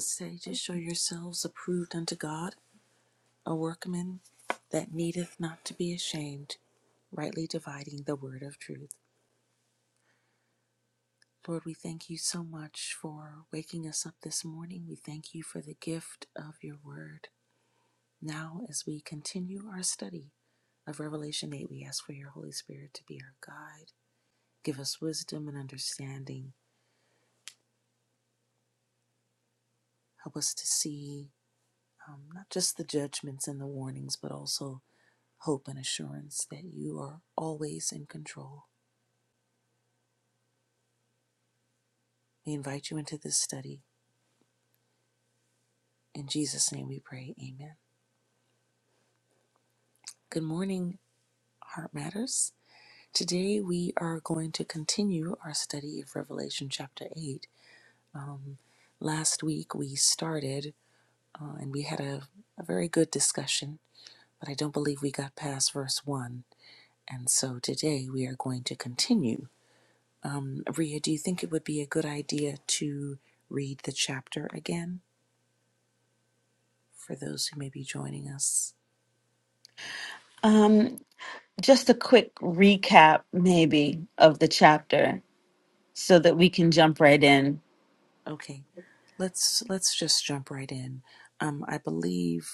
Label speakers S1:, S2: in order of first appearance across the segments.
S1: Sages, show yourselves approved unto God, a workman that needeth not to be ashamed, rightly dividing the word of truth. Lord, we thank you so much for waking us up this morning. We thank you for the gift of your word. Now, as we continue our study of Revelation 8, we ask for your Holy Spirit to be our guide. Give us wisdom and understanding. Help us to see um, not just the judgments and the warnings, but also hope and assurance that you are always in control. We invite you into this study. In Jesus' name we pray. Amen. Good morning, Heart Matters. Today we are going to continue our study of Revelation chapter 8. Um, last week we started uh, and we had a, a very good discussion, but I don't believe we got past verse 1. And so today we are going to continue. Um, Ria, do you think it would be a good idea to read the chapter again? for those who may be joining us.
S2: Um, just a quick recap, maybe, of the chapter so that we can jump right in.
S1: Okay, let's let's just jump right in. Um, I believe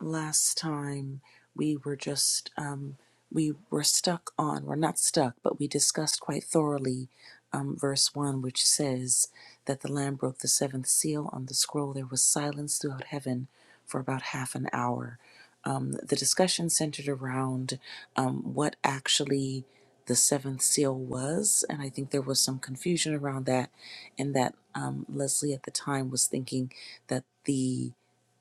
S1: last time we were just um, we were stuck on we're not stuck but we discussed quite thoroughly um, verse 1 which says that the lamb broke the seventh seal on the scroll there was silence throughout heaven for about half an hour um, the discussion centered around um, what actually the seventh seal was and i think there was some confusion around that and that um, leslie at the time was thinking that the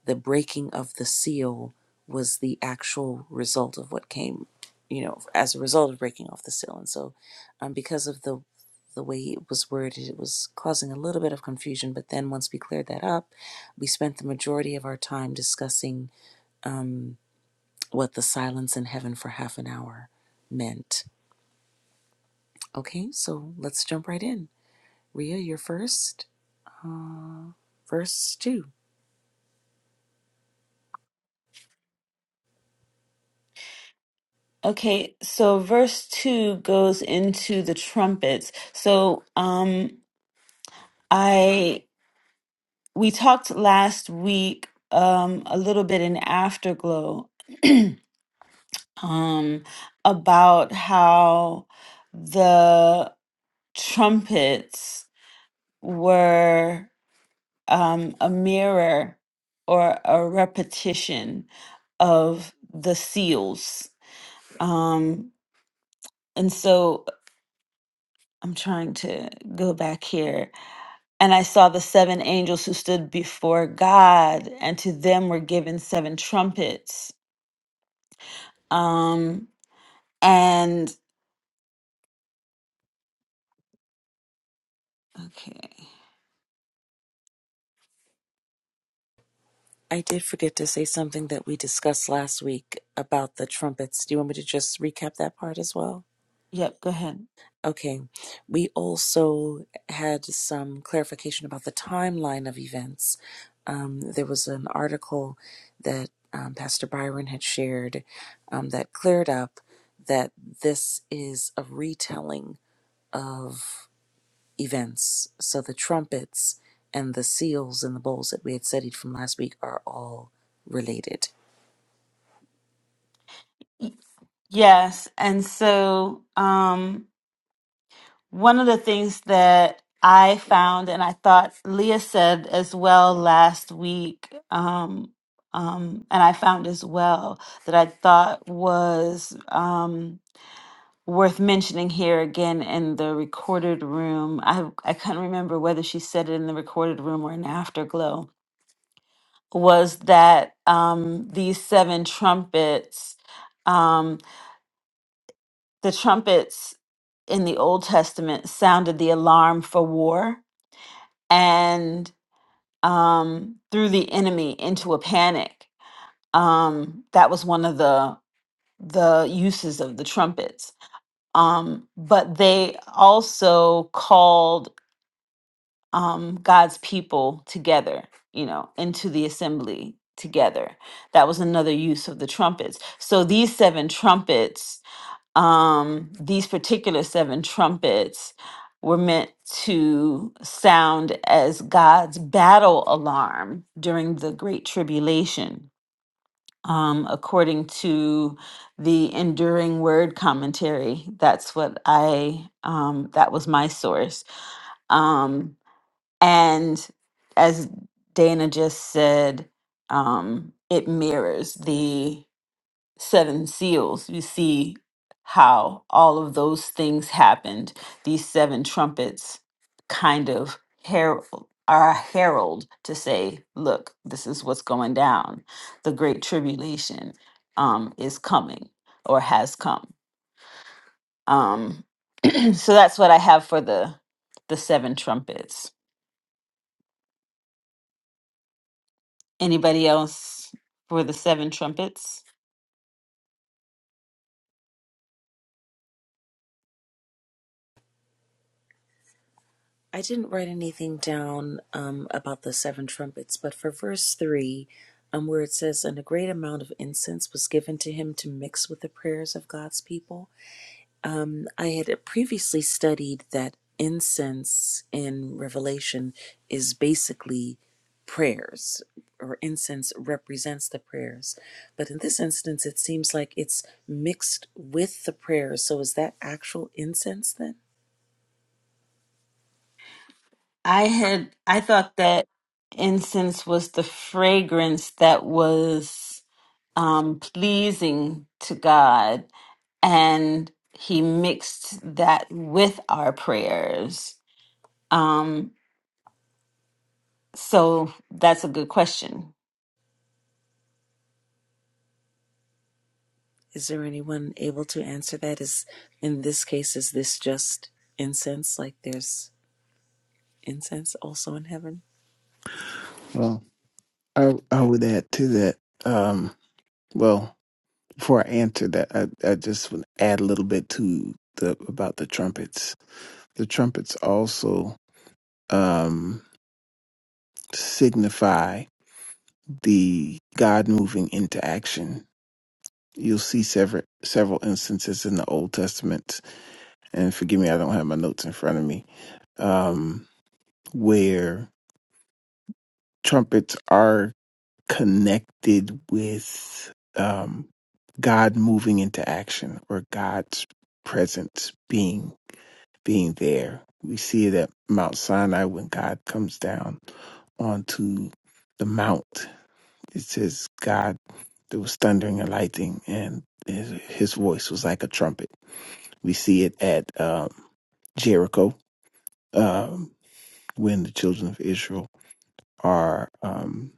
S1: the breaking of the seal was the actual result of what came, you know, as a result of breaking off the seal. And so, um, because of the the way it was worded, it was causing a little bit of confusion. But then once we cleared that up, we spent the majority of our time discussing um, what the silence in heaven for half an hour meant. Okay, so let's jump right in. Ria, you're first. Uh, verse 2.
S2: Okay, so verse 2 goes into the trumpets. So, um I we talked last week um a little bit in Afterglow um about how the trumpets were um a mirror or a repetition of the seals. Um and so I'm trying to go back here. And I saw the seven angels who stood before God, and to them were given seven trumpets. Um, and okay,
S1: I did forget to say something that we discussed last week about the trumpets. Do you want me to just recap that part as well?
S2: yep, go ahead.
S1: Okay. We also had some clarification about the timeline of events. Um, there was an article that um, Pastor Byron had shared um, that cleared up that this is a retelling of events. So the trumpets and the seals and the bowls that we had studied from last week are all related
S2: Y- Yes, and so um, one of the things that I found, and I thought Leah said as well last week, um, um, and I found as well that I thought was. Um, worth mentioning here again in the recorded room i i couldn't remember whether she said it in the recorded room or in afterglow was that um these seven trumpets um the trumpets in the old testament sounded the alarm for war and um threw the enemy into a panic um that was one of the the uses of the trumpets um but they also called um, God's people together, you know, into the assembly together. That was another use of the trumpets. So these seven trumpets, um, these particular seven trumpets, were meant to sound as God's battle alarm during the Great Tribulation. Um, according to the enduring word commentary, that's what I, um, that was my source. Um, and as Dana just said, um, it mirrors the seven seals. You see how all of those things happened. These seven trumpets kind of herald are a herald to say, look, this is what's going down. The great tribulation um, is coming or has come. Um, so that's what I have for the the seven trumpets. Anybody else for the seven trumpets?
S1: I didn't write anything down um, about the seven trumpets, but for verse three, um, where it says, "And a great amount of incense was given to him to mix with the prayers of God's people." Um, I had previously studied that incense in Revelation is basically prayers, or incense represents the prayers, but in this instance, it seems like it's mixed with the prayers. So, is that actual incense then?
S2: I had I thought that incense was the fragrance that was um pleasing to God and he mixed that with our prayers. Um so that's a good question.
S1: Is there anyone able to answer that? Is in this case, is this just incense? Like there's incense also in heaven?
S3: Well, I I would add to that. Um, well, before I answer that, I, I just would add a little bit to the about the trumpets. The trumpets also um, signify the God moving into action. You'll see several several instances in the Old Testament, and forgive me, I don't have my notes in front of me, um, where trumpets are connected with um, God moving into action or God's presence being being there. We see it at Mount Sinai when God comes down onto the mount. It says God there was thundering and lightning and his, his voice was like a trumpet. We see it at um, Jericho um, when the children of Israel are um,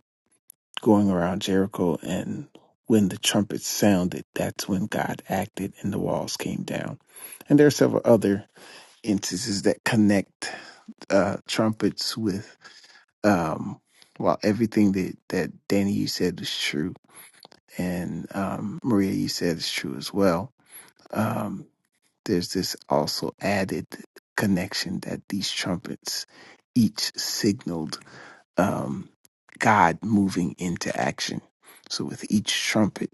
S3: going around Jericho, and when the trumpets sounded, that's when God acted and the walls came down. And there are several other instances that connect uh, trumpets with, um, well, everything that, that Danny, you said is true, and um, Maria, you said is true as well. Um, there's this also added connection that these trumpets each signaled um, God moving into action. So with each trumpet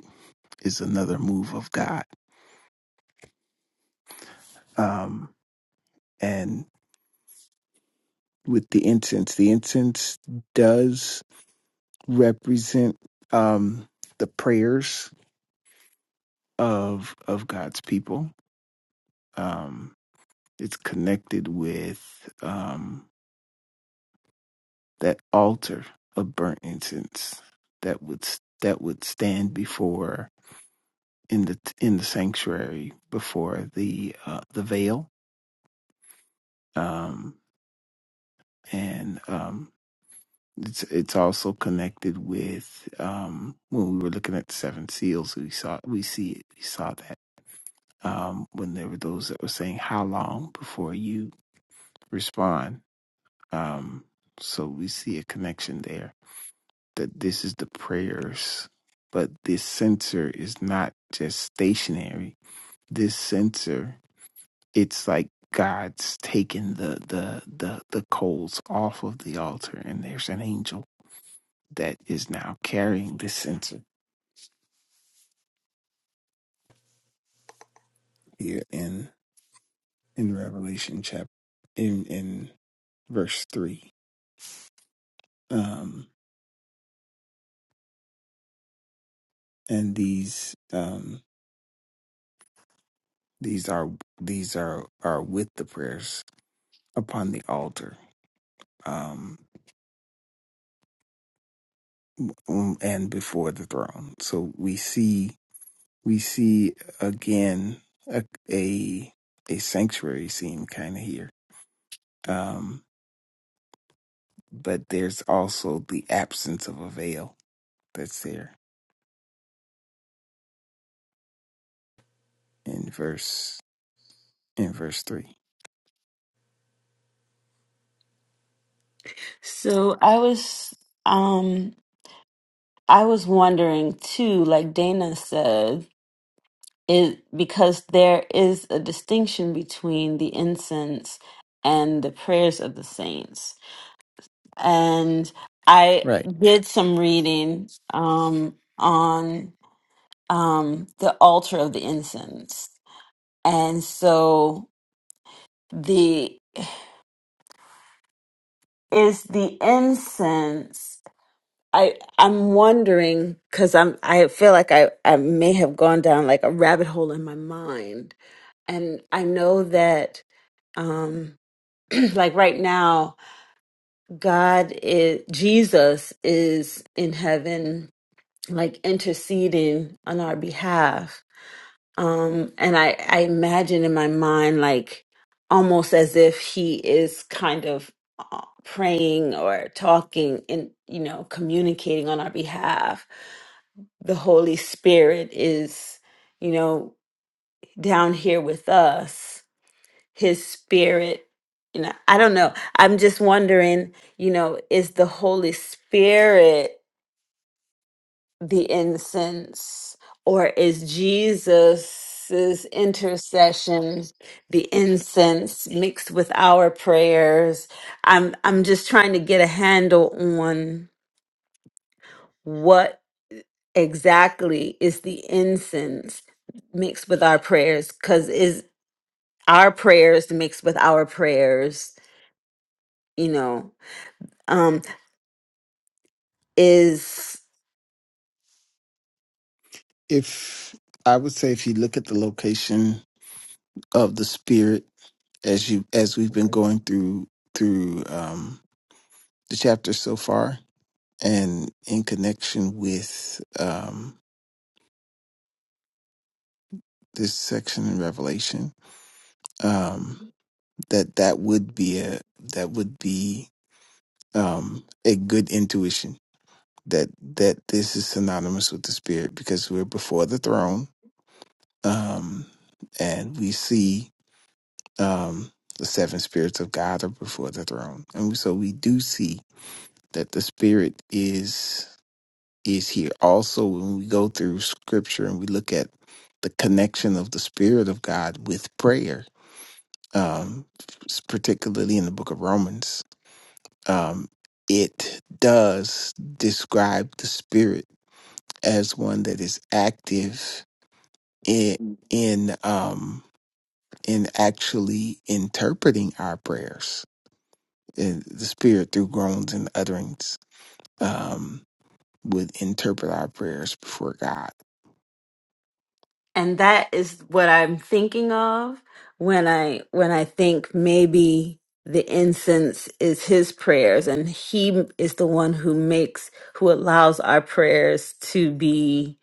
S3: is another move of God. Um, and with the incense, the incense does represent um, the prayers of of God's people. Um, it's connected with um, that altar of burnt incense that would that would stand before in the in the sanctuary before the uh, the veil um, and um, it's it's also connected with um, when we were looking at the seven seals, we saw we see it, we saw that um, when there were those that were saying how long before you respond. Um, so we see a connection there that this is the prayers, but this sensor is not just stationary. This sensor, it's like God's taking the the the the coals off of the altar, and there's an angel that is now carrying this censer here in in Revelation chapter in in verse three. Um, and these um, these are these are are with the prayers upon the altar um, um, and before the throne. So we see we see again a a, a sanctuary scene kind of here. Um, but there's also the absence of a veil that's there in verse in verse 3.
S2: So I was um I was wondering too like Dana said is because there is a distinction between the incense and the prayers of the saints. And I
S3: Right.
S2: did some reading um, on um, the altar of the incense. And so the is the incense I I'm wondering cuz I'm I feel like I I may have gone down like a rabbit hole in my mind and I know that Um, like right now, God is, Jesus is in heaven, like interceding on our behalf. Um, and I, I imagine in my mind, like almost as if he is kind of uh, praying or talking and, you know, communicating on our behalf. The Holy Spirit is, you know, down here with us his spirit you know i don't know i'm just wondering you know is the holy spirit the incense or is jesus's intercession the incense mixed with our prayers i'm i'm just trying to get a handle on what exactly is the incense mixed with our prayers cuz is our prayers mixed with our prayers you know Um, is
S3: If I would say if you look at the location of the spirit as you as we've been going through through um the chapter so far and in connection with um this section in Revelation, um that that would be a that would be um a good intuition that that this is synonymous with the spirit because we're before the throne um and we see um, the seven spirits of God are before the throne, and so we do see that the spirit is is here. Also, when we go through Scripture and we look at the connection of the spirit of God with prayer, um, s- particularly in the Book of Romans, um, it does describe the spirit as one that is active in in um, in actually interpreting our prayers the, the Spirit through groans and utterings um, would interpret our prayers before God.
S2: and that is what i'm thinking of when i when i think maybe the incense is his prayers and he is the one who makes who allows our prayers to be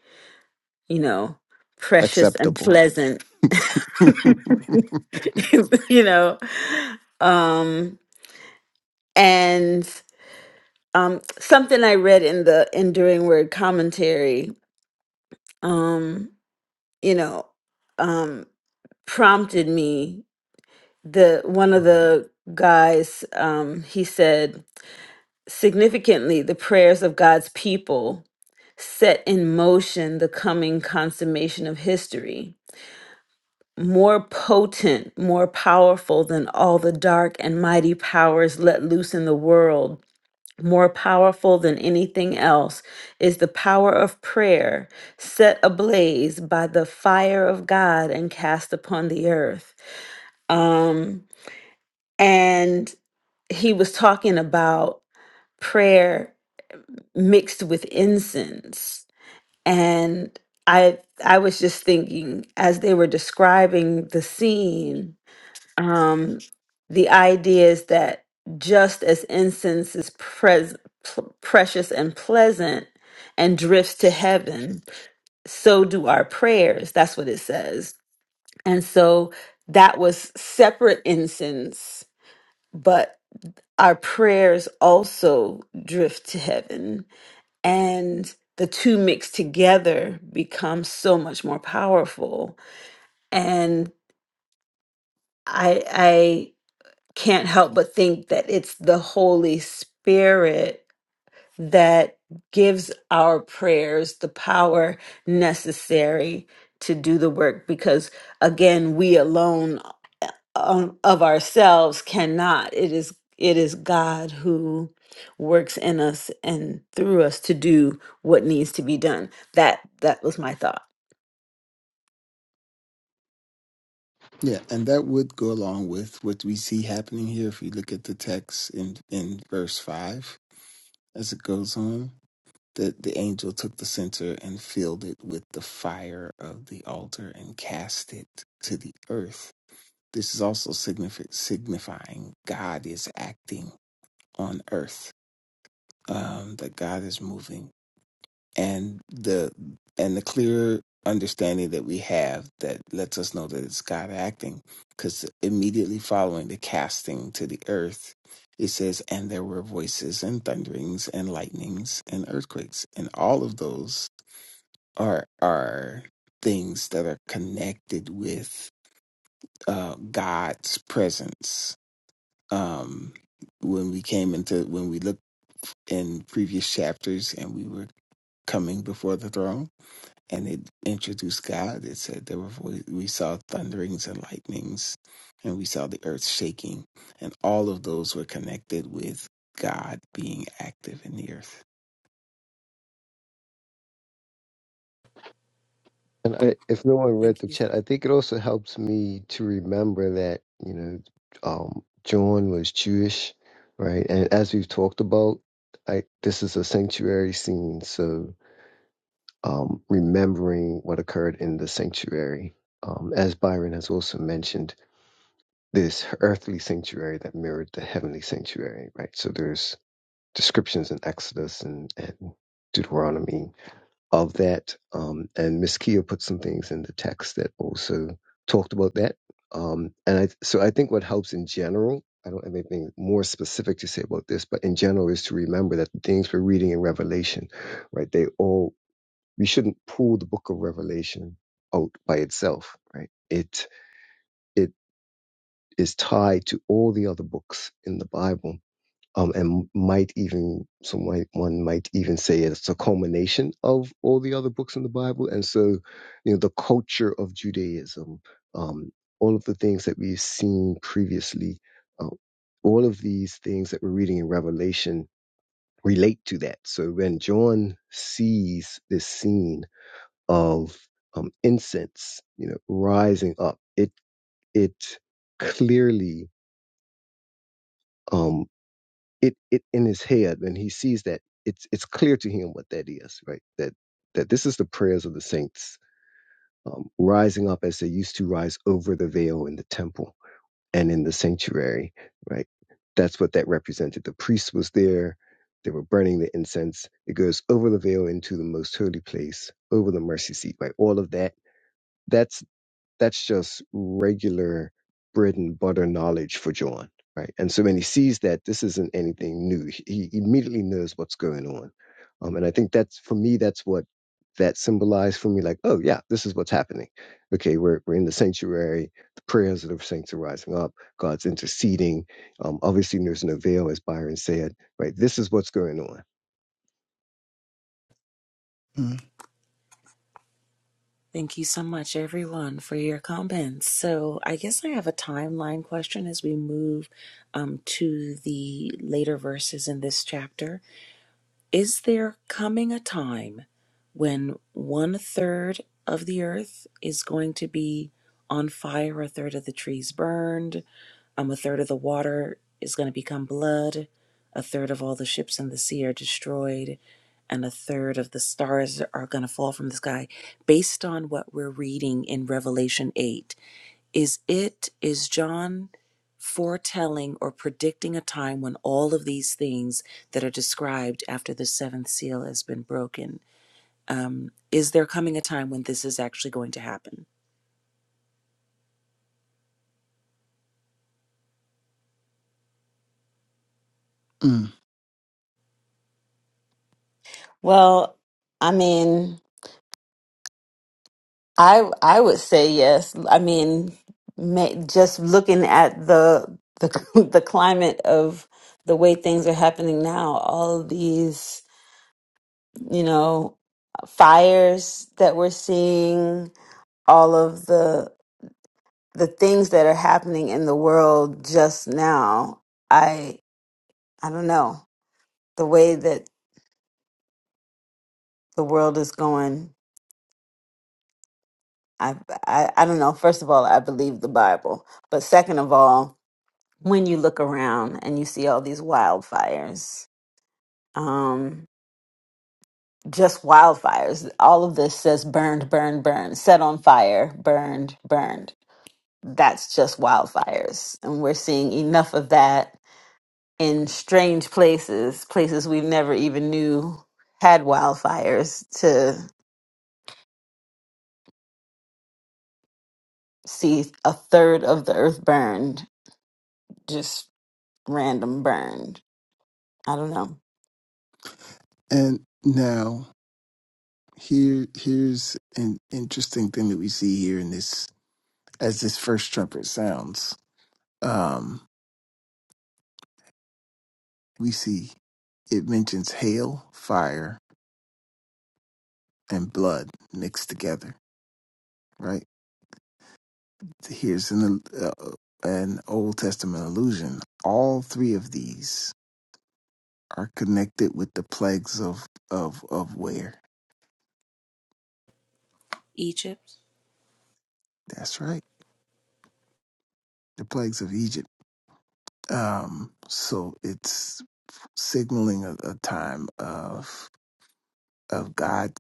S2: you know, precious and
S3: Acceptable.
S2: pleasant, you know. Um, and um, something I read in the Enduring Word commentary, um, you know, um, prompted me. The one of the guys, um, he said, significantly, the prayers of God's people set in motion the coming consummation of history more potent, more powerful than all the dark and mighty powers let loose in the world, more powerful than anything else, is the power of prayer set ablaze by the fire of God and cast upon the earth. Um, and he was talking about prayer mixed with incense. And I I was just thinking as they were describing the scene um, the idea is that just as incense is pres- pl- precious and pleasant and drifts to heaven, so do our prayers. That's what it says. And so that was separate incense, but our prayers also drift to heaven. And the two mixed together become so much more powerful. And I, can't help but think that it's the Holy Spirit that gives our prayers the power necessary to do the work because, again, we alone uh, um, of ourselves cannot. It is it is God who works in us and through us to do what needs to be done. That that was my thought.
S3: yeah, and that would go along with what we see happening here if we look at the text in, in verse 5 as it goes on. that the angel took the censer and filled it with the fire of the altar and cast it to the earth. This is also signifi- signifying God is acting on earth, um, that God is moving and the and the clear understanding that we have that lets us know that it's God acting because immediately following the casting to the earth it says and there were voices and thunderings and lightnings and earthquakes and all of those are are things that are connected with uh God's presence um when we came into when we looked in previous chapters and we were coming before the throne and it introduced God. It said there were vo- we saw thunderings and lightnings, and we saw the earth shaking, and all of those were connected with God being active in the earth.
S4: And I, if no one read
S1: Thank
S4: the
S1: you.
S4: chat, I think it also helps me to remember that, you know, um, John was Jewish, right? And as we've talked about, I, this is a sanctuary scene. So um, remembering what occurred in the sanctuary, um, as Byron has also mentioned, this earthly sanctuary that mirrored the heavenly sanctuary, right? So there's descriptions in Exodus and, and Deuteronomy of that. Um, and Miss Kia put some things in the text that also talked about that. Um, and I, so I think what helps in general, I don't have anything more specific to say about this, but in general is to remember that the things we're reading in Revelation, right? They all, we shouldn't pull the book of Revelation out by itself, right? It, it is tied to all the other books in the Bible um, and might even someone one might even say it's a culmination of all the other books in the Bible. And so, you know, the culture of Judaism, um, all of the things that we've seen previously, uh, all of these things that we're reading in Revelation relate to that. So when John sees this scene of um, incense, you know, rising up, it it clearly um. it it in his head and he sees that it's it's clear to him what that is right that that this is the prayers of the saints um, rising up as they used to rise over the veil in the temple and in the sanctuary right that's what that represented the priest was there they were burning the incense it goes over the veil into the most holy place over the mercy seat right all of that that's that's just regular bread and butter knowledge for John, right? And so when he sees that, this isn't anything new. He he immediately knows what's going on, um, and I think that's for me. That's what that symbolized for me. Like, oh yeah, this is what's happening. Okay, we're we're in the sanctuary. The prayers of the saints are rising up. God's interceding. Um, obviously, there's no veil, as Byron said, right? This is what's going on.
S1: Thank you so much, everyone, for your comments. So, I guess I have a timeline question as we move um, to the later verses in this chapter. Is there coming a time when one third of the earth is going to be on fire, a third of the trees burned, um, a third of the water is going to become blood, a third of all the ships in the sea are destroyed, and a third of the stars are going to fall from the sky, based on what we're reading in Revelation 8? Is it, is John foretelling or predicting a time when all of these things that are described after the seventh seal has been broken? Um, is there coming a time when this is actually going to happen?
S3: Mm.
S2: Well, I mean, I I would say yes. I mean, ma- just looking at the the the climate of the way things are happening now, all of these, you know, fires that we're seeing, all of the the things that are happening in the world just now. I I don't know. The way that the world is going, I I, I don't know. First of all, I believe the Bible, but second of all. when you look around and you see all these wildfires, um, just wildfires, all of this says burned, burned, burned, set on fire, burned, burned. That's just wildfires. And we're seeing enough of that in strange places, places we never even knew had wildfires, to see a third of the earth burned, just random burned. I don't know.
S3: And now here here's an interesting thing that we see here in this as this first trumpet sounds. Um, we see it mentions hail, fire, and blood mixed together, right? here's an uh, an Old Testament allusion. All three of these are connected with the plagues of of of where?
S1: Egypt?
S3: That's right, the plagues of Egypt. Um, so it's signaling a, a time of of God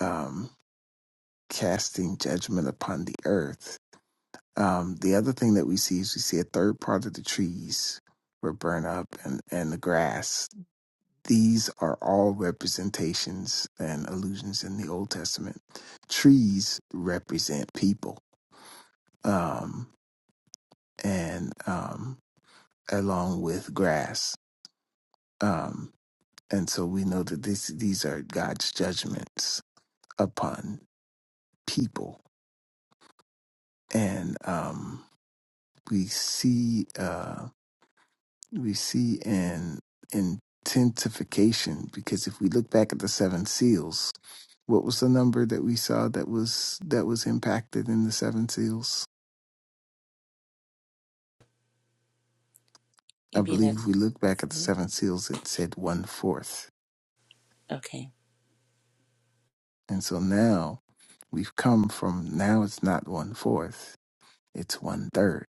S3: um, casting judgment upon the earth. Um, the other thing that we see is we see a third part of the trees were burned up and and the grass These are all representations and allusions in the Old Testament. Trees represent people, um, and um, along with grass. Um, and so we know that this, these are God's judgments upon people. And um, we see uh, we see an intensification because if we look back at the seven seals, What was the number that we saw that was that was impacted in the seven seals? I
S1: You mean
S3: believe
S1: it?
S3: if we look back at the
S1: Okay.
S3: seven seals, it said one fourth.
S1: Okay.
S3: And so now we've come from now it's not one fourth, it's one third.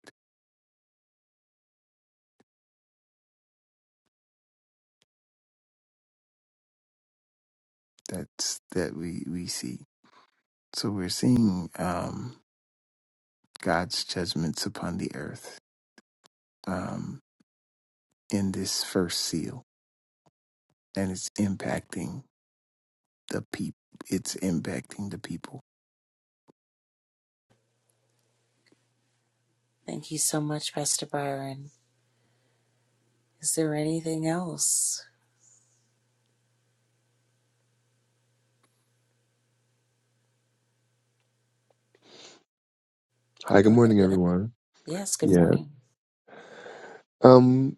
S3: That's that we we see. So we're seeing um, God's judgments upon the earth um, in this first seal, and it's impacting the people. It's impacting the people.
S1: Thank you so much, Pastor Byron. Is there anything else?
S5: Hi, good
S1: Go ahead,
S5: morning,
S1: Les.
S5: everyone.
S1: Yes, good
S5: Yeah.
S1: morning.
S5: Um.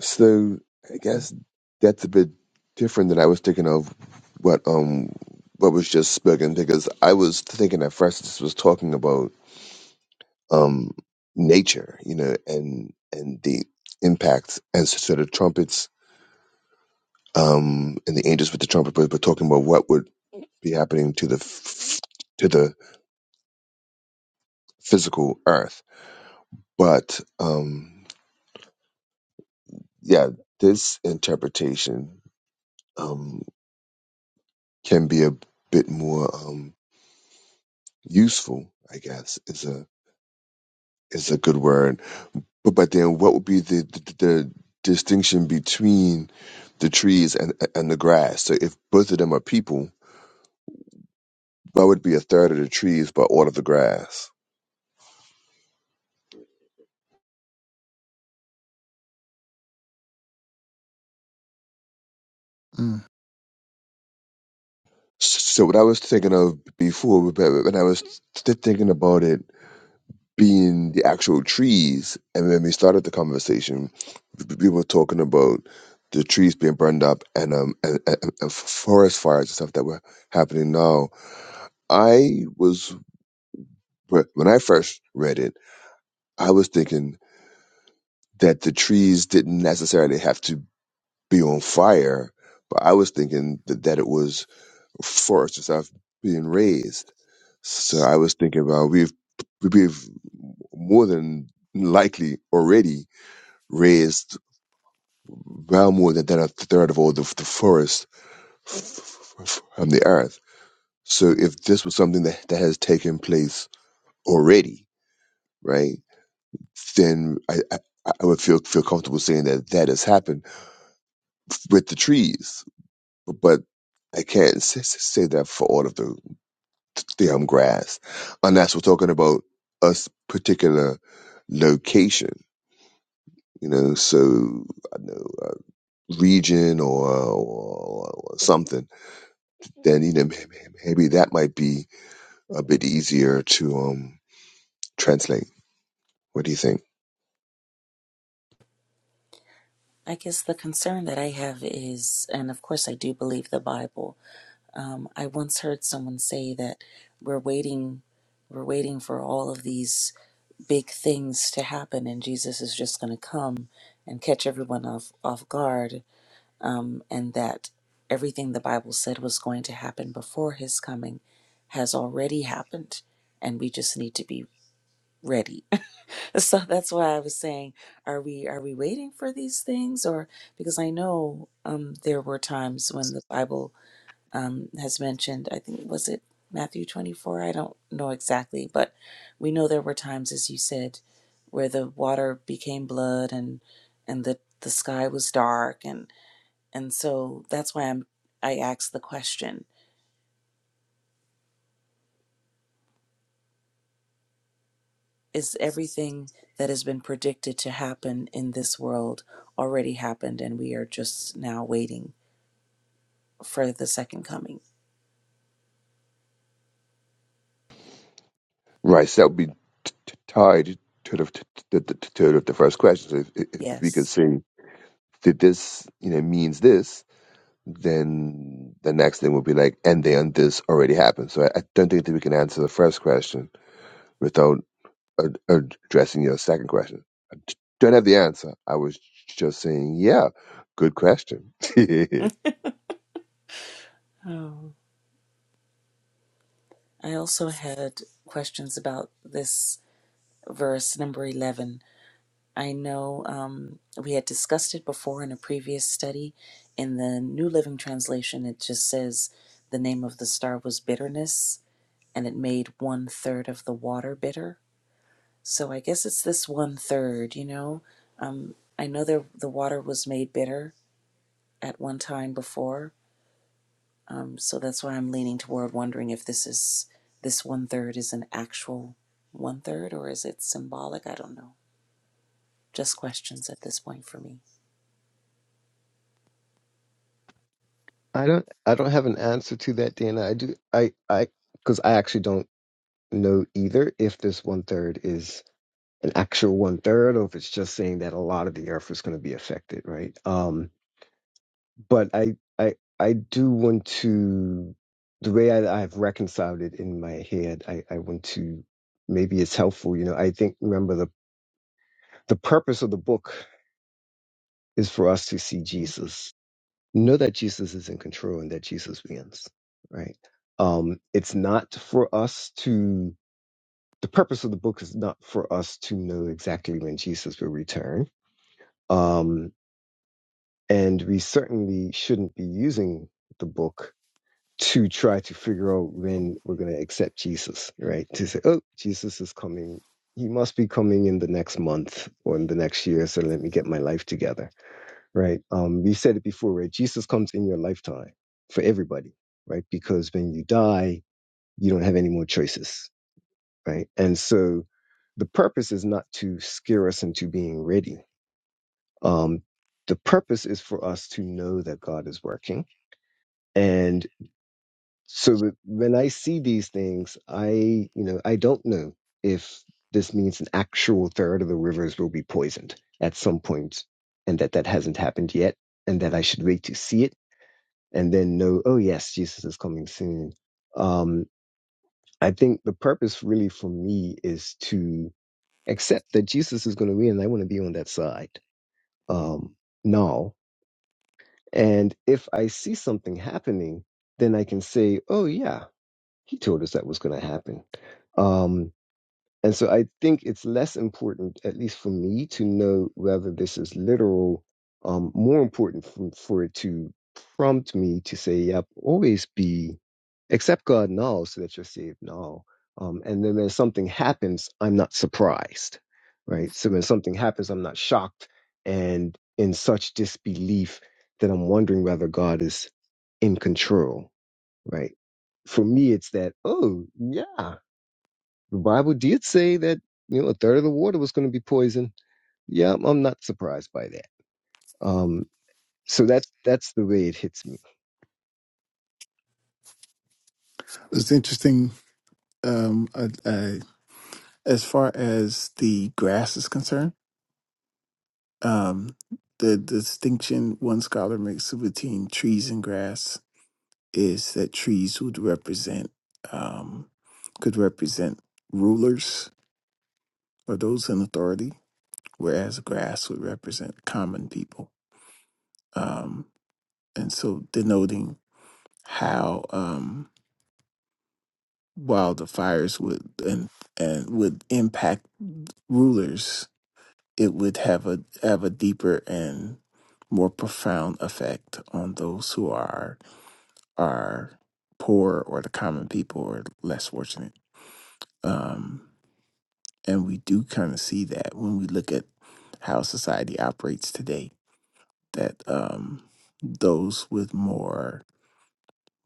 S5: So I guess that's a bit different than I was thinking of what um what was just spoken because I was thinking at first this was talking about um nature, you know, and and the impacts and so the trumpets um and the angels with the trumpet, but, but talking about what would be happening to the f- to the physical earth. But um yeah, this interpretation. um. can be a bit more um, useful, I guess is a is a good word. But but then, what would be the the, the distinction between the trees and and the grass? So if both of them are people, why would it be a third of the trees but all of the grass?
S3: Mm.
S5: So what I was thinking of before, but when I was th- thinking about it being the actual trees. And when we started the conversation, we we were talking about the trees being burned up and um and, and, and forest fires and stuff that were happening now. I was wh- when I first read it, I was thinking that the trees didn't necessarily have to be on fire, but I was thinking that, that it was forest and stuff being raised. So I was thinking about we've we've more than likely already raised Well, more than than a third of all the, the forest f- f- from the earth. So if this was something that, that has taken place already, right, then I, I, I would feel feel comfortable saying that that has happened with the trees, but I can't s- s- say that for all of the damn grass, unless we're talking about a s- particular location, you know, so I don't know a region or, or, or something then you know may- may- maybe that might be a bit easier to um translate. What do you think?
S1: I guess the concern that I have is, and of course I do believe the Bible, Um, I once heard someone say that we're waiting, we're waiting for all of these big things to happen, and Jesus is just going to come and catch everyone off off guard, um, and that everything the Bible said was going to happen before His coming has already happened, and we just need to be ready. so that's why I was saying, are we are we waiting for these things, or because I know um, there were times when the Bible um, has mentioned. I think was it Matthew twenty four. I don't know exactly, but we know there were times, as you said, where the water became blood and and the the sky was dark and and so that's why I'm I asked the question: Is everything that has been predicted to happen in this world already happened, and we are just now waiting for the second coming?
S5: Right, so that would be t- t- tied to the to the, to to the first question. So if, if if we could
S1: Yes.
S5: say that this you know means this, then the next thing would be like, and then this already happened. So I, I don't think that we can answer the first question without ad- addressing your second question. I d- don't have the answer. I was just saying, yeah, good question.
S1: Oh. I also had questions about this verse number 11 I know um, we had discussed it before in a previous study. In the New Living Translation, it just says the name of the star was bitterness, and it made one third of the water bitter. So I guess it's this one third, you know. Um, I know there, the water was made bitter at one time before, um, so that's why I'm leaning toward wondering if this is this one third is an actual one third or is it symbolic? I don't know. Just questions at this point for me.
S4: I don't I don't have an answer to that, Dana. I do I I because I actually don't. know either if this one third is an actual one third or if it's just saying that a lot of the earth is going to be affected right um but i i i do want to the way I, i've reconciled it in my head i i want to maybe it's helpful you know i think remember the the purpose of the book is for us to see jesus know that jesus is in control and that jesus wins right um it's not for us to the purpose of the book is not for us to know exactly when Jesus will return. Um, and we certainly shouldn't be using the book to try to figure out when we're going to accept Jesus, right? To say, oh, Jesus is coming. He must be coming in the next month or in the next year. So let me get my life together, right? Um, we said it before, right? Jesus comes in your lifetime for everybody, right? Because when you die, you don't have any more choices right? And so the purpose is not to scare us into being ready. Um, the purpose is for us to know that God is working. And so when I see these things, I, you know, I don't know if this means an actual third of the rivers will be poisoned at some point and that that hasn't happened yet and that I should wait to see it and then know, oh yes, Jesus is coming soon. Um, I think the purpose really for me is to except that Jesus is going to win and I want to be on that side. Um, no. And if I see something happening, then I can say, oh, yeah, he told us that was going to happen. Um, and so I think it's less important, at least for me, to know whether this is literal. Um, more important for, for it to prompt me to say, yep, always be, accept God now so that you're saved now. Um, and then when something happens, I'm not surprised, right? So when something happens, I'm not shocked and in such disbelief that I'm wondering whether God is in control, right? For me, it's that, oh, yeah. The Bible did say that you know a third of the water was going to be poison. Yeah, I'm I'm not surprised by that. Um, so that's that's the way it hits me.
S3: It's interesting. Um, I, I as far as the grass is concerned, um, the distinction one scholar makes between trees and grass is that trees would represent um, could represent rulers or those in authority, whereas grass would represent common people. Um, and so denoting how um, wildfires would and and would impact rulers it would have a have a deeper and more profound effect on those who are are poor or the common people or less fortunate. Um, and we do kind of see that when we look at how society operates today, that um, those with more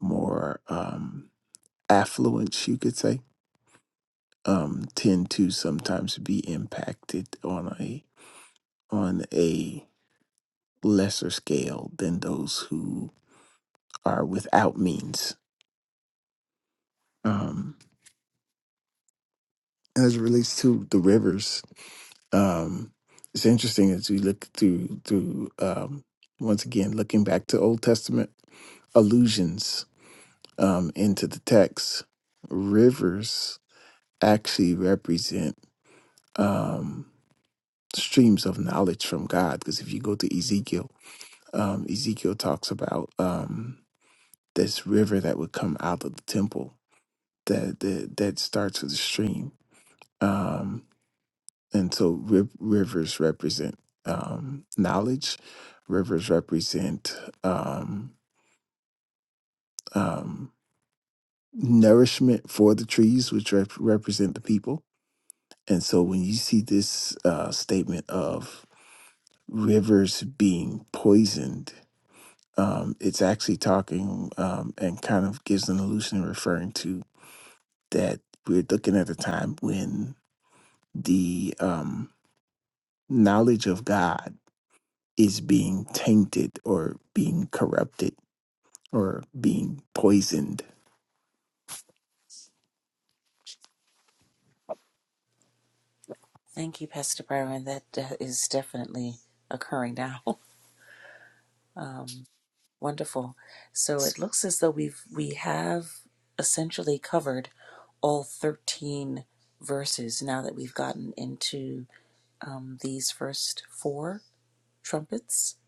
S3: more um, affluence, you could say, um, tend to sometimes be impacted on a on a lesser scale than those who are without means. Um, as it relates to the rivers, um, it's interesting as we look through through um, once again looking back to Old Testament allusions um, into the text. Rivers actually represent um, streams of knowledge from God, because if you go to Ezekiel, um, Ezekiel talks about um, this river that would come out of the temple that that, that starts with a stream. Um, and so riv- rivers represent um, knowledge rivers represent um, um, nourishment for the trees which rep- represent the people and so when you see this uh, statement of rivers being poisoned um, it's actually talking um, and kind of gives an illusion referring to that we're looking at a time when the um, knowledge of god is being tainted or being corrupted or being poisoned?
S1: Thank you, Pastor Byron. That uh, is definitely occurring now. Um, wonderful. So it looks as though we've we have essentially covered all thirteen verses now that we've gotten into um, these first four trumpets.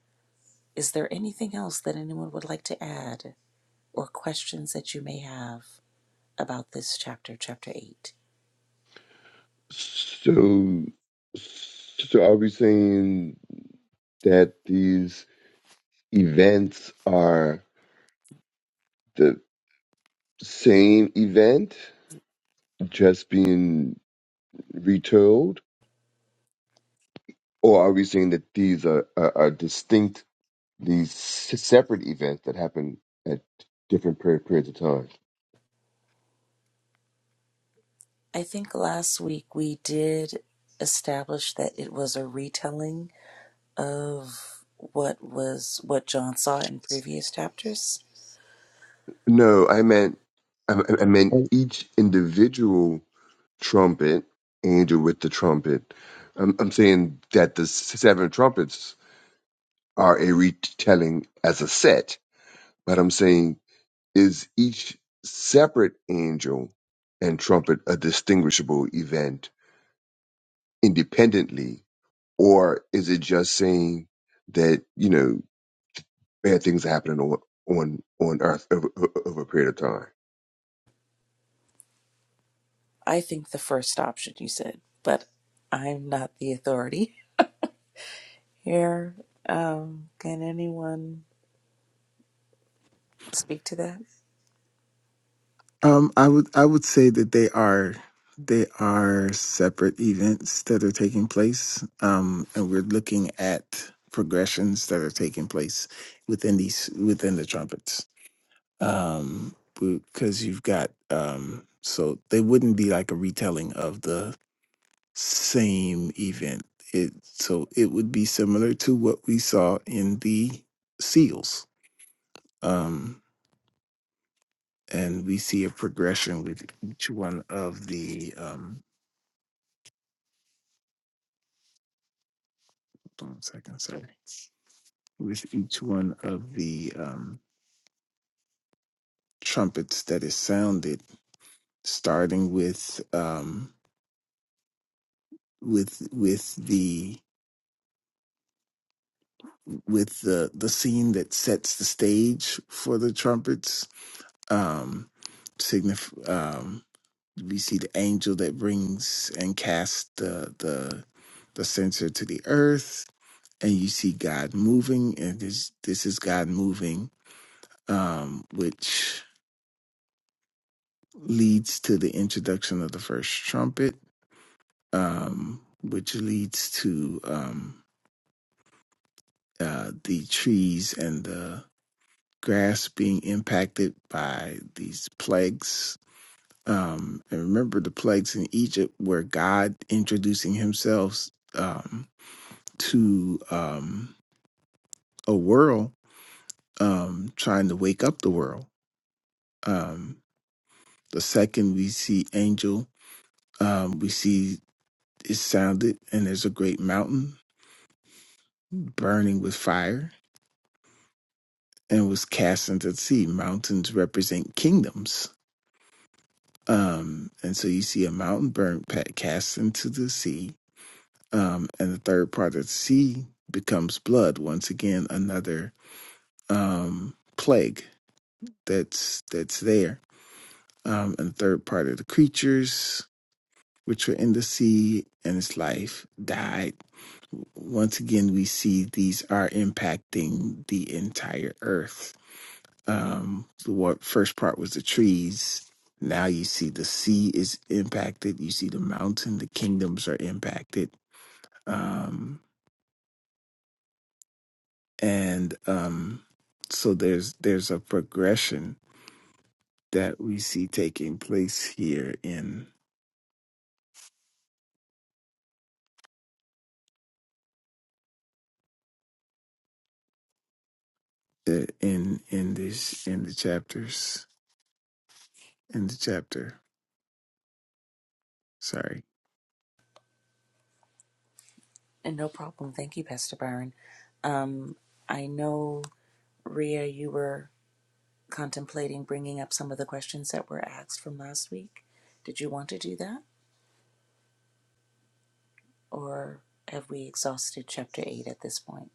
S1: Is there anything else that anyone would like to add or questions that you may have about this chapter, chapter eight?
S5: So, so are we saying that these events are the same event just being retold, or are we saying that these are, are, are distinct, these s- separate events that happen at different per- periods of time?
S1: I think last week we did establish that it was a retelling of what was what John saw in previous chapters.
S5: No, I meant, I, I I meant
S4: And,
S5: each individual trumpet, angel with the trumpet. I'm, I'm saying that the seven trumpets are a retelling as a set, but I'm saying is each separate angel and trumpet a distinguishable event independently, or is it just saying that you know bad things are happening on on on Earth over, over a period of time?
S1: I think the first option you said, but I'm not the authority here. Um, can anyone speak to that?
S3: Um, I would I would say that they are they are separate events that are taking place, um, and we're looking at progressions that are taking place within these within the trumpets. Um, because you've got um, so they wouldn't be like a retelling of the same event. It so it would be similar to what we saw in the seals, um, and we see a progression with each one of the. Um, hold on a second, sorry. With each one of the um, trumpets that is sounded, starting with um, with with the with the the scene that sets the stage for the trumpets. Um, signify. We see the angel that brings and casts the the the censer to the earth, and you see God moving, and this this is God moving, um, which leads to the introduction of the first trumpet, um, which leads to um, uh, the trees and the grass being impacted by these plagues. Um, and remember the plagues in Egypt were God introducing himself Um, to um, a world um, trying to wake up the world. Um, the second we see angel, um, we see it sounded, and there's a great mountain burning with fire and was cast into the sea. Mountains represent kingdoms. Um, and so you see a mountain burnt pa- cast into the sea. Um, and the third part of the sea becomes blood. Once again, another um, plague that's that's there Um, and the third part of the creatures which were in the sea and its life died. Once again, we see these are impacting the entire earth. Um, the wa- first part was the trees. Now you see the sea is impacted. You see the mountain, the kingdoms are impacted. Um, and um, so there's there's a progression that we see taking place here in the in in this in the chapters. in the chapter. Sorry.
S1: And no problem. Thank you, Pastor Byron. Um, I know Ria, you were contemplating bringing up some of the questions that were asked from last week. Did you want to do that, or have we exhausted chapter eight at this point?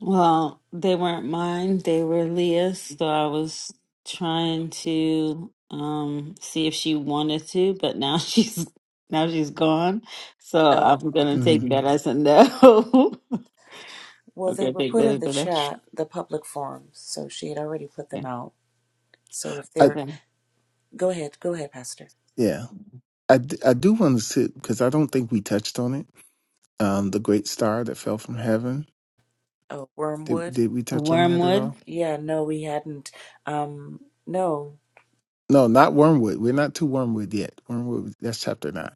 S2: Well, they weren't mine. They were Leah's. So I was trying to um see if she wanted to, but now she's now she's gone. So I'm
S1: Oh,
S2: gonna
S3: hmm
S2: take that as a no.
S1: Well,
S2: I'm
S1: they
S2: gonna
S1: were
S2: take
S1: put
S2: that
S1: in
S2: as
S1: the
S2: a no.
S1: chat, the public forums, so she had already put
S2: Yeah.
S1: them out. So if
S3: I
S1: they're,
S2: Okay.
S1: go ahead, go ahead, Pastor.
S3: yeah, I, d- I do want to sit because I don't think we touched on it. Um, the great star that fell from heaven.
S1: Oh,
S3: Did
S1: Wormwood?
S3: did we touch on that at
S2: Wormwood.
S3: all?
S1: Yeah, no, we hadn't. Um, no.
S3: No, not Wormwood. We're not to Wormwood yet. Wormwood that's chapter nine.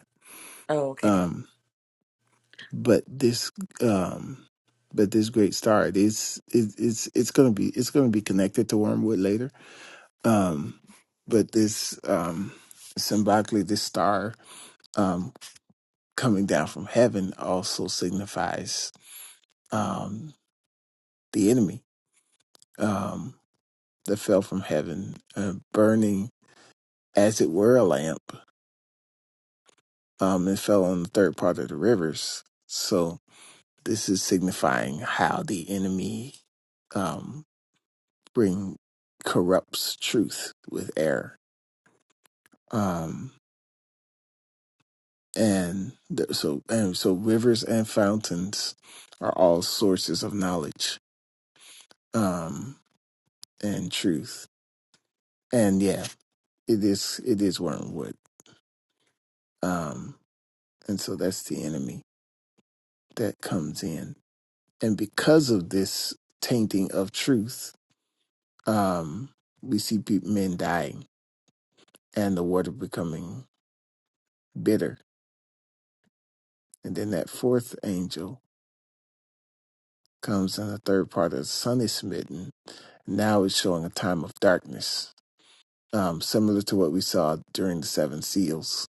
S1: Oh, okay.
S3: Um, but this um, but this great star it is it, it's it's gonna be it's gonna be connected to Wormwood later. Um, but this um, symbolically this star. um coming down from heaven also signifies um, the enemy um, that fell from heaven, uh, burning as it were a lamp, um, and fell on the third part of the rivers. So this is signifying how the enemy um, bring corrupts truth with error, um, and th- so and so rivers and fountains are all sources of knowledge um, and truth. And yeah. It is it is wormwood. Um, and so that's the enemy that comes in. And because of this tainting of truth, um, we see pe- men dying and the water becoming bitter. And then that fourth angel comes in the third part of the sun is smitten. Now it's showing a time of darkness um, similar to what we saw during the seven seals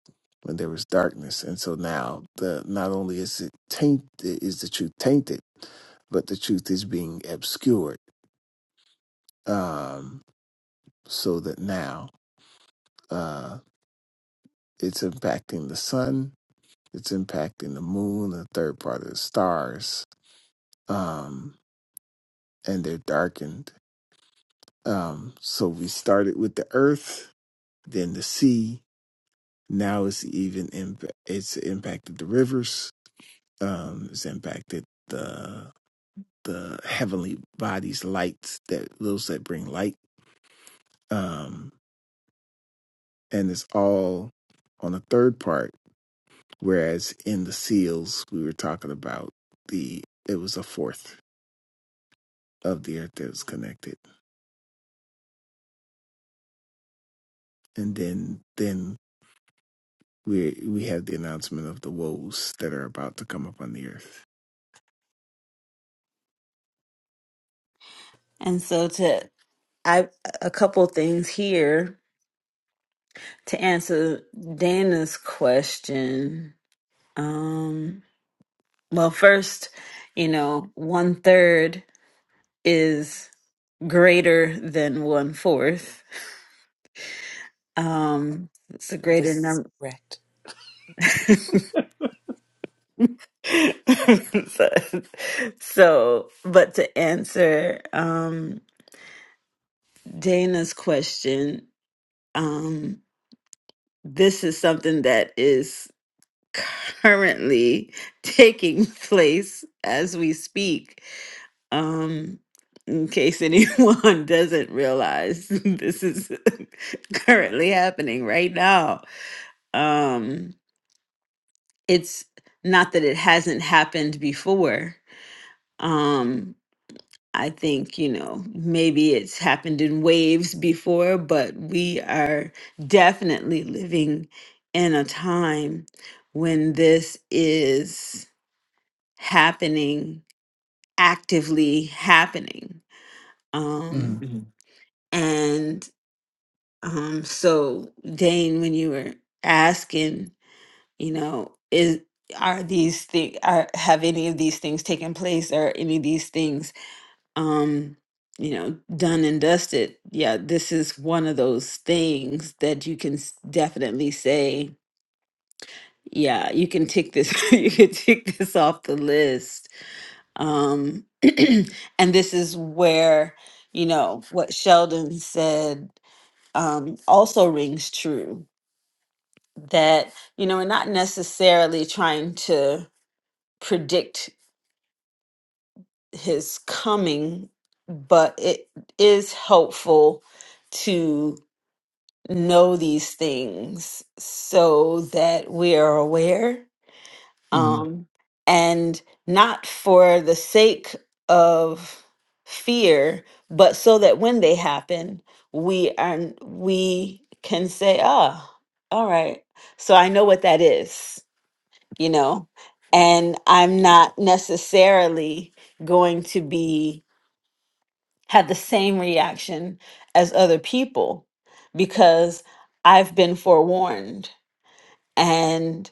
S3: when there was darkness. And so now the not only is it tainted is the truth tainted, but the truth is being obscured. Um, so that now uh, it's impacting the sun, it's impacting the moon, the third part of the stars, um, and they're darkened. Um, so we started with the earth, then the sea. Now it's even imp- it's impacted the rivers um, has impacted the the heavenly bodies, lights that those that bring light, um, and it's all on the third part. Whereas in the seals, we were talking about the it was a fourth of the earth that was connected, and then then we we have the announcement of the woes that are about to come upon the earth.
S2: And so to I a couple things here to answer Dana's question. Um, well, first, you know, one third is greater than one fourth. Um, it's a
S1: That
S2: greater
S1: is
S2: number.
S1: correct.
S2: so, so, but to answer um, Dana's question, um, this is something that is currently taking place as we speak um in case anyone doesn't realize this is currently happening right now um it's not that it hasn't happened before um i think you know maybe it's happened in waves before but we are definitely living in a time when this is happening actively happening um
S3: hmm
S2: And Um, so Dane, when you were asking, you know, is are these things are have any of these things taken place? Are any of these things um, you know, done and dusted? Yeah, this is one of those things that you can s- definitely say, yeah, you can tick this, you can tick this off the list. Um, and this is where, you know, what Sheldon said um also rings true that you know and not necessarily trying to predict his coming but it is helpful to know these things so that we are aware
S3: hmm
S2: um and not for the sake of fear but so that when they happen we are we can say ah all right so i know what that is you know, and I'm not necessarily going to be have the same reaction as other people because I've been forewarned and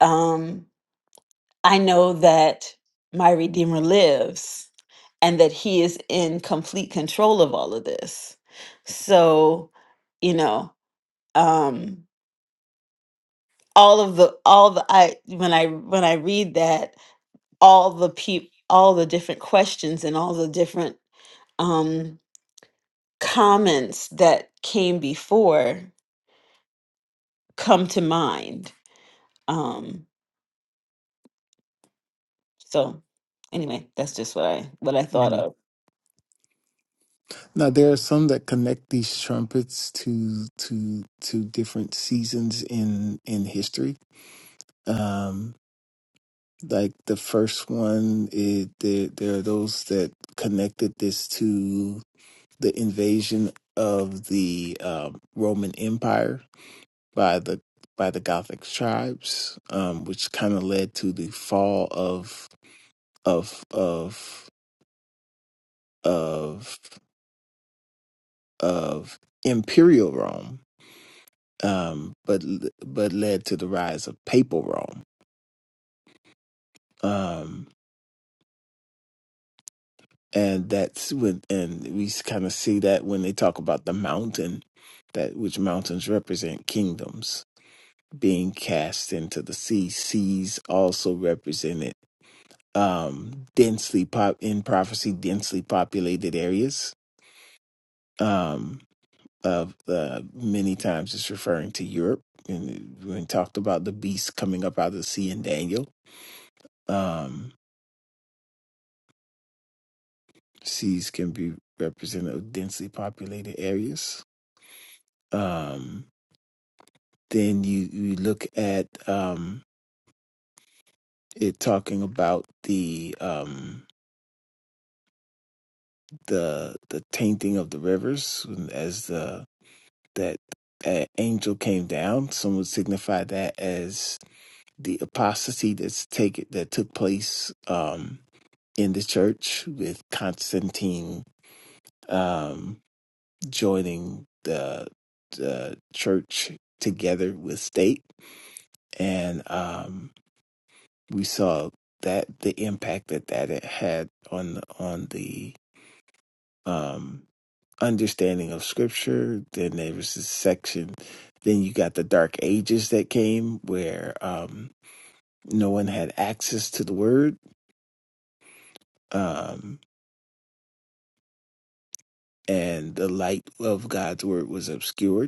S2: um, I know that my Redeemer lives and that he is in complete control of all of this. So, you know, um, all of the all the I when I when I read that all the peop all the different questions and all the different um comments that came before come to mind um so anyway that's just what i what i thought of
S3: Now there are some that connect these trumpets to to to different seasons in in history. Um, like the first one, it, there there are those that connected this to the invasion of the um, Roman Empire by the by the Gothic tribes, um, which kind of led to the fall of of of of of imperial Rome um, but but led to the rise of papal Rome. Um, and that's when, and we kind of see that when they talk about the mountain, that which mountains represent kingdoms being cast into the sea. Seas also represented um, densely pop in prophecy, densely populated areas. Um, of the many times it's referring to Europe, and we talked about the beast coming up out of the sea in Daniel. Um, Seas can be representative of densely populated areas. Um, then you, you look at um, it talking about the um, the the tainting of the rivers as the that uh, angel came down. Some would signify that as the apostasy that's taken that took place um, in the church with Constantine. Um, joining the, the church together with state, and um, we saw that the impact that that it had on the, on the um, understanding of scripture. Then there was this section. Then you got the Dark Ages that came, where um, no one had access to the Word, um, and the light of God's Word was obscured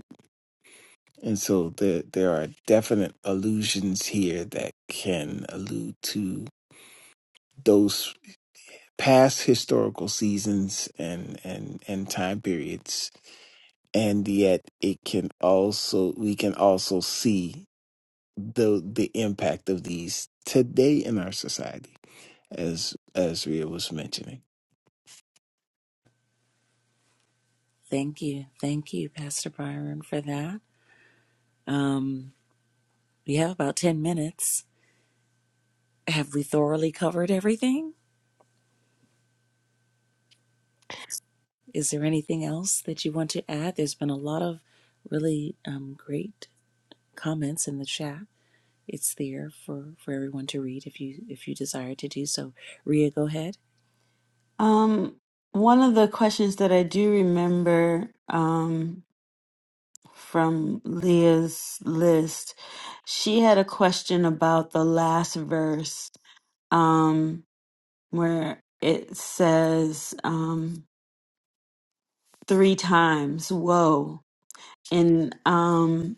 S3: And so there, there are definite allusions here that can allude to those past historical seasons and, and, and time periods. And yet it can also, we can also see the, the impact of these today in our society, as, as Ria was mentioning.
S1: Thank you. Thank you, Pastor Byron, for that. Um, we have about 10 minutes. Have we thoroughly covered everything? Is there anything else that you want to add? There's been a lot of really um, great comments in the chat. It's there for, for everyone to read if you if you desire to do so. Ria, go ahead.
S2: um one of the questions that i do remember um from leah's list she had a question about the last verse um where it says Um, three times. Whoa. And um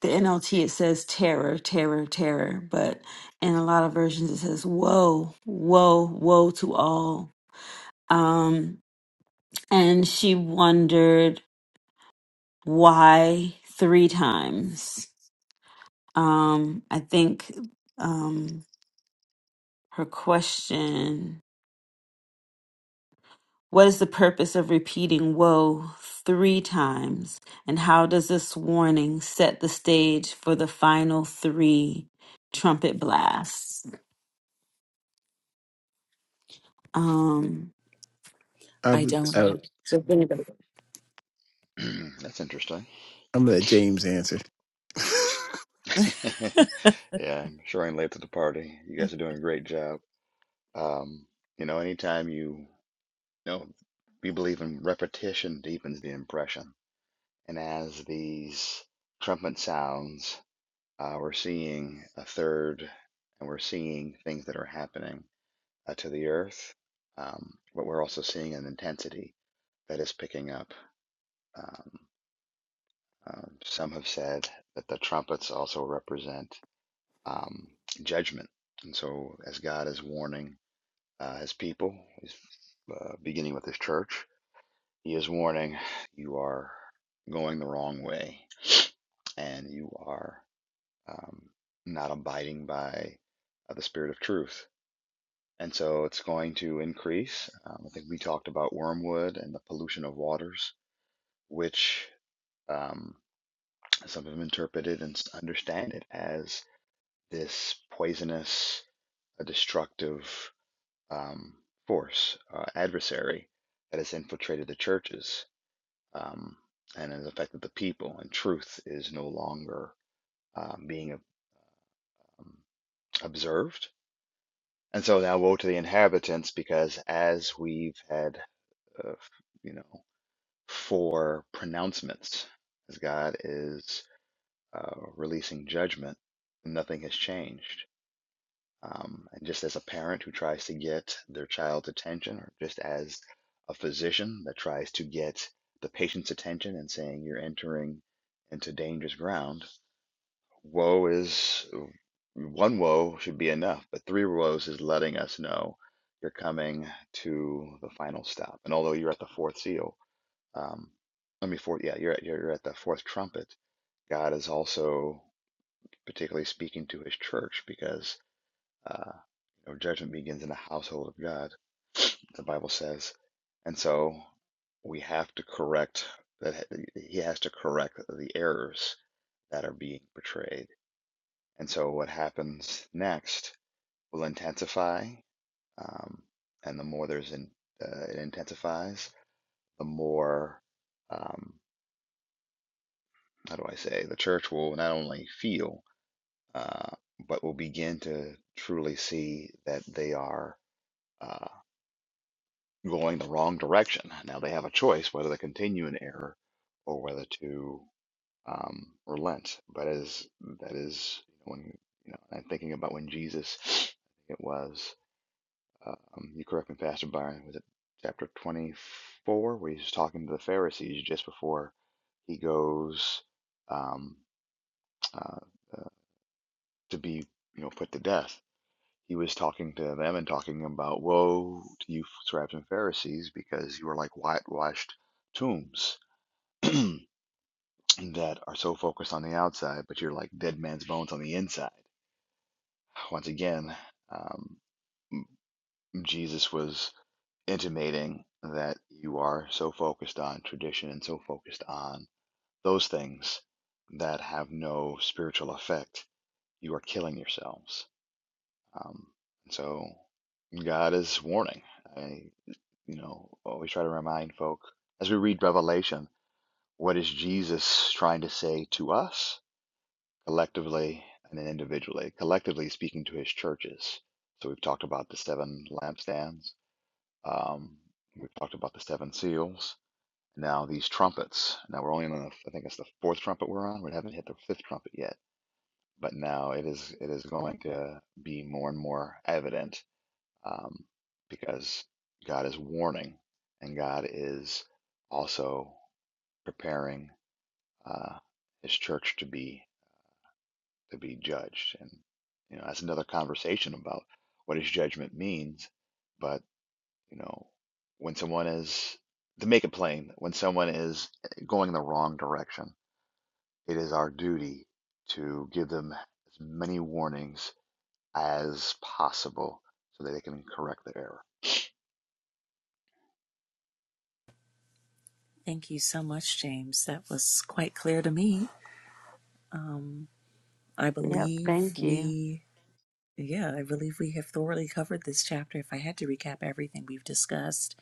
S2: the NLT it says terror, terror, terror, but in a lot of versions it says woe, woe, woe to all. Um and she wondered why three times. Um I think um her question What is the purpose of repeating woe three times? And how does this warning set the stage for the final three trumpet blasts? Um,
S3: I
S1: I
S3: would,
S1: don't
S3: I,
S1: have.
S3: I'm
S6: That's interesting.
S3: going to let James answer.
S6: Yeah, I'm sure I'm late to the party. You guys are doing a great job. Um, you know, anytime you, you know, we believe in repetition deepens the impression. And as these trumpet sounds, uh, we're seeing a third, and we're seeing things that are happening uh, to the earth. Um, but we're also seeing an intensity that is picking up. Um, um, some have said that the trumpets also represent. um, judgment. And so, as God is warning uh, his people, he's, uh, beginning with his church, he is warning you are going the wrong way and you are um, not abiding by uh, the spirit of truth. And so, it's going to increase. Um, I think we talked about wormwood and the pollution of waters, which um, some have interpreted and understand it as this poisonous, a destructive um, force, uh, adversary that has infiltrated the churches um, and has affected the people, and truth is no longer um, being um, observed. And so now, woe to the inhabitants, because as we've had, uh, you know, four pronouncements, as God is uh, releasing judgment, nothing has changed. Um, and just as a parent who tries to get their child's attention, or just as a physician that tries to get the patient's attention and saying you're entering into dangerous ground, woe is one woe should be enough, but three woes is letting us know you're coming to the final stop. And although you're at the fourth seal, um, I mean, four, yeah, you're at, you're at the fourth trumpet. God is also particularly speaking to his church because uh, you know, judgment begins in the household of God, the Bible says. And so we have to correct that he has to correct the errors that are being portrayed. And so what happens next will intensify, um, and the more there's in, uh, it intensifies, the more um, how do I say the church will not only feel uh, but will begin to truly see that they are. uh, going the wrong direction. Now they have a choice whether to continue in error or whether to um, relent. But as that is when you know, I'm thinking about when Jesus, it was. Um, you correct me, Pastor Byron. Was it chapter 24 where he's talking to the Pharisees just before he goes um, uh, to be you know put to death? he was talking to them and talking about woe to you scribes and pharisees because you are like whitewashed tombs that are so focused on the outside but you're like dead man's bones on the inside once again um, jesus was intimating that you are so focused on tradition and so focused on those things that have no spiritual effect you are killing yourselves um, so god is warning I, you know, always try to remind folk as we read Revelation, what is Jesus trying to say to us collectively and then individually? Collectively speaking to his churches. So we've talked about the seven lampstands. Um, we've talked about the seven seals. Now these trumpets. Now we're only on the, I think it's the fourth trumpet we're on. We haven't hit the fifth trumpet yet. But now it is it is going to be more and more evident um, because God is warning and God is also preparing uh, His church to be to be judged. And you know that's another conversation about what His judgment means. But you know when someone is to make it plain, when someone is eh, going the wrong direction, it is our duty to give them as many warnings as possible so that they can correct their error.
S1: Thank you so much, James. That was quite clear to me. Um, I
S2: yeah,
S1: believe
S2: thank you.
S1: we, yeah, I believe we have thoroughly covered this chapter. If I had to recap everything we've discussed,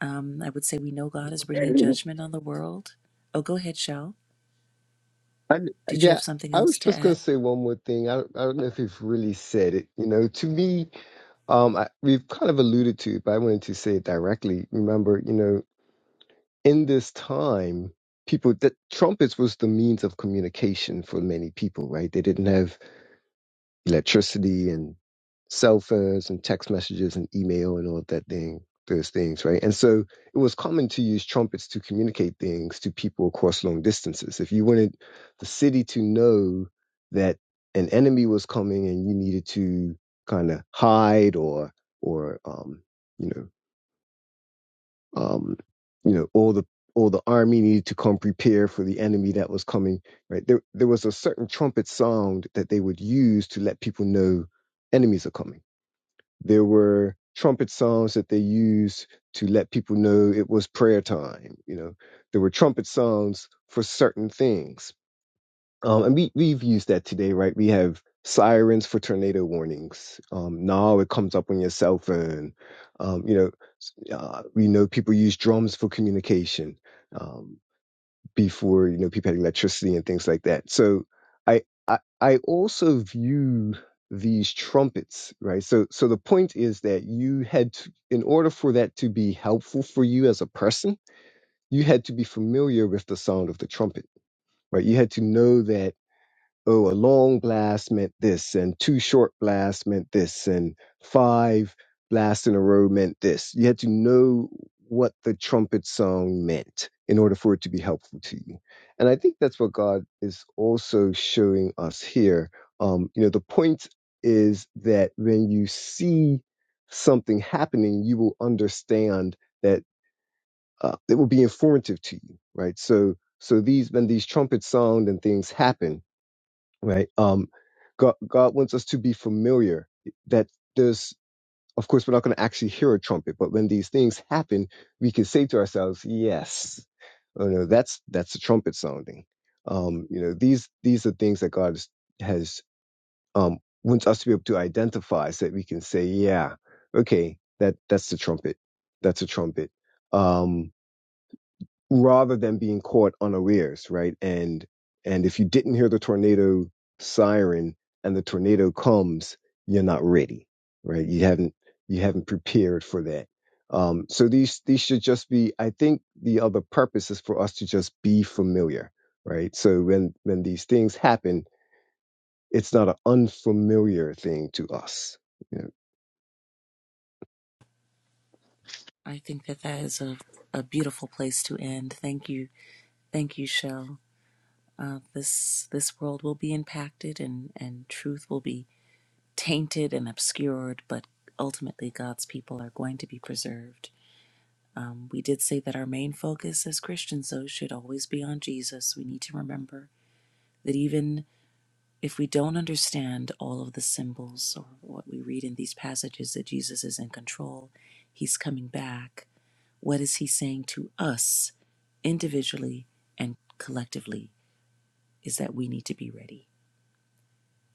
S1: um, I would say we know God is bringing judgment on the world. Oh, go ahead, Shell.
S4: and
S1: Did you
S4: yeah,
S1: have something
S4: I was
S1: else to
S4: just going
S1: add?
S4: to say one more thing. I don't, I don't know if you've really said it. You know, to me, um, I, we've kind of alluded to it, but I wanted to say it directly. Remember, you know, in this time, people that trumpets was the means of communication for many people, right? They didn't have electricity and cell phones and text messages and email and all that thing, those things, right? And so it was common to use trumpets to communicate things to people across long distances. If you wanted the city to know that an enemy was coming and you needed to kind of hide or or um, you know um, you know, all the all the army needed to come prepare for the enemy that was coming. Right there, there was a certain trumpet sound that they would use to let people know enemies are coming. There were trumpet sounds that they used to let people know it was prayer time. You know, there were trumpet sounds for certain things, um, and we we've used that today, right? We have sirens for tornado warnings. Um, now it comes up on your cell phone. Um, you know, uh, we know people use drums for communication um, before you know people had electricity and things like that. So I I, I also view these trumpets right so so the point is that you had to, in order for that to be helpful for you as a person you had to be familiar with the sound of the trumpet right you had to know that oh, a long blast meant this, and two short blasts meant this, and five blasts in a row meant this. You had to know what the trumpet song meant in order for it to be helpful to you. And I think that's what God is also showing us here. Um, you know, the point is that when you see something happening, you will understand that uh, it will be informative to you, right? So, so these when these trumpets sound and things happen, right? Um, God, God wants us to be familiar that there's, of course, we're not going to actually hear a trumpet, but when these things happen, we can say to ourselves, yes, oh no, that's, that's the trumpet sounding. Um, you know, these, these are things that God has, has, um, wants us to be able to identify so that we can say, yeah, okay, that, that's the trumpet. That's a trumpet. Um rather than being caught unawares, right? And and if you didn't hear the tornado siren and the tornado comes, you're not ready, right? You haven't you haven't prepared for that. Um, so these these should just be. I think the other purpose is for us to just be familiar, right? So when when these things happen, it's not an unfamiliar thing to us. You know?
S1: I think that that is a, a beautiful place to end. Thank you. Thank you, Shell. uh, this this world will be impacted and and truth will be tainted and obscured but ultimately god's people are going to be preserved um, we did say that our main focus as christians though should always be on jesus we need to remember that even if we don't understand all of the symbols or what we read in these passages that jesus is in control he's coming back what is he saying to us individually and collectively is that we need to be ready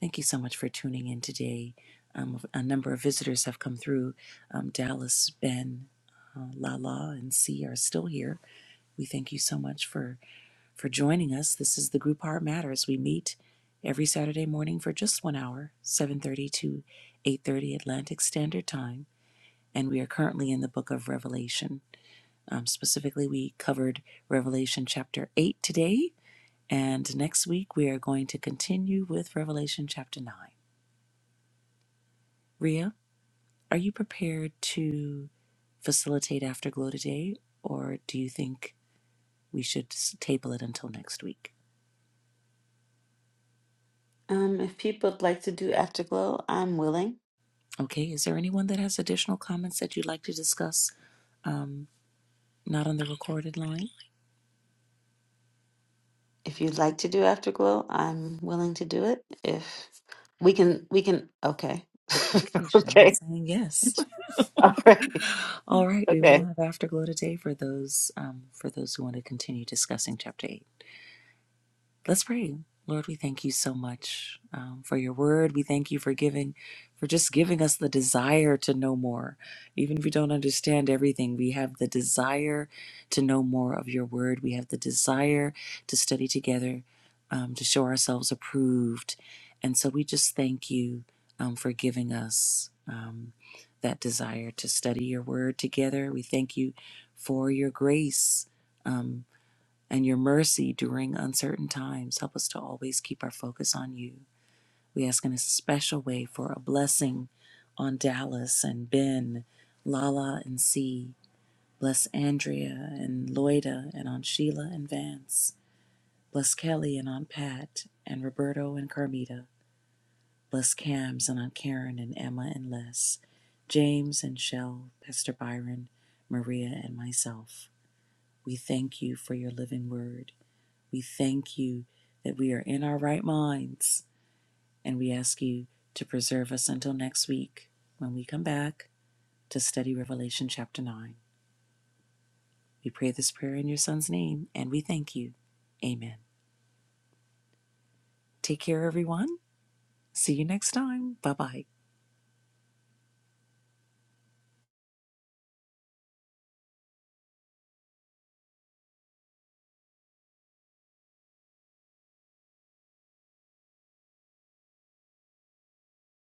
S1: Thank you so much for tuning in today. Um, a number of visitors have come through. Um, Dallas, Ben, uh, Lala, and C are still here. We thank you so much for for joining us. This is the Group Heart Matters. We meet every Saturday morning for just one hour, 7:30 to 8:30 Atlantic Standard Time, and we are currently in the Book of Revelation. Um, specifically, we covered Revelation chapter eight today, and next week we are going to continue with Revelation chapter nine. Ria. Are you prepared to facilitate Afterglow today, or do you think we should s- table it until next week?
S2: Um, if people would like to do Afterglow, I'm willing.
S1: Okay, is there anyone that has additional comments that you'd like to discuss? Um, not on the recorded line?
S2: If you'd like to do Afterglow, I'm willing to do it. If we can, we can, okay.
S1: Okay, Shell is
S2: okay.
S1: saying yes.
S2: All right.
S1: All right, we
S2: Okay.
S1: will have Afterglow today for those um, for those who want to continue discussing Chapter 8. Let's pray. Lord, we thank you so much um, for your word. We thank you for giving, for just giving us the desire to know more. Even if we don't understand everything, we have the desire to know more of your word. We have the desire to study together, um, to show ourselves approved. And so we just thank you um, for giving us um, that desire to study your word together. We thank you for your grace. um, and your mercy during uncertain times. Help us to always keep our focus on you. We ask in a special way for a blessing on Dallas and Ben, Lala and C. Bless Andrea and Loida and on Sheila and Vance. Bless Kelly and on Pat and Roberto and Carmita. Bless Cams and on Karen and Emma and Les. James and Shell, Pastor Byron, Maria and myself. We thank you for your living word. We thank you that we are in our right minds, and we ask you to preserve us until next week when we come back to study Revelation chapter 9. We pray this prayer in your son's name, and we thank you. Amen. Take care, everyone. See you next time. Bye bye.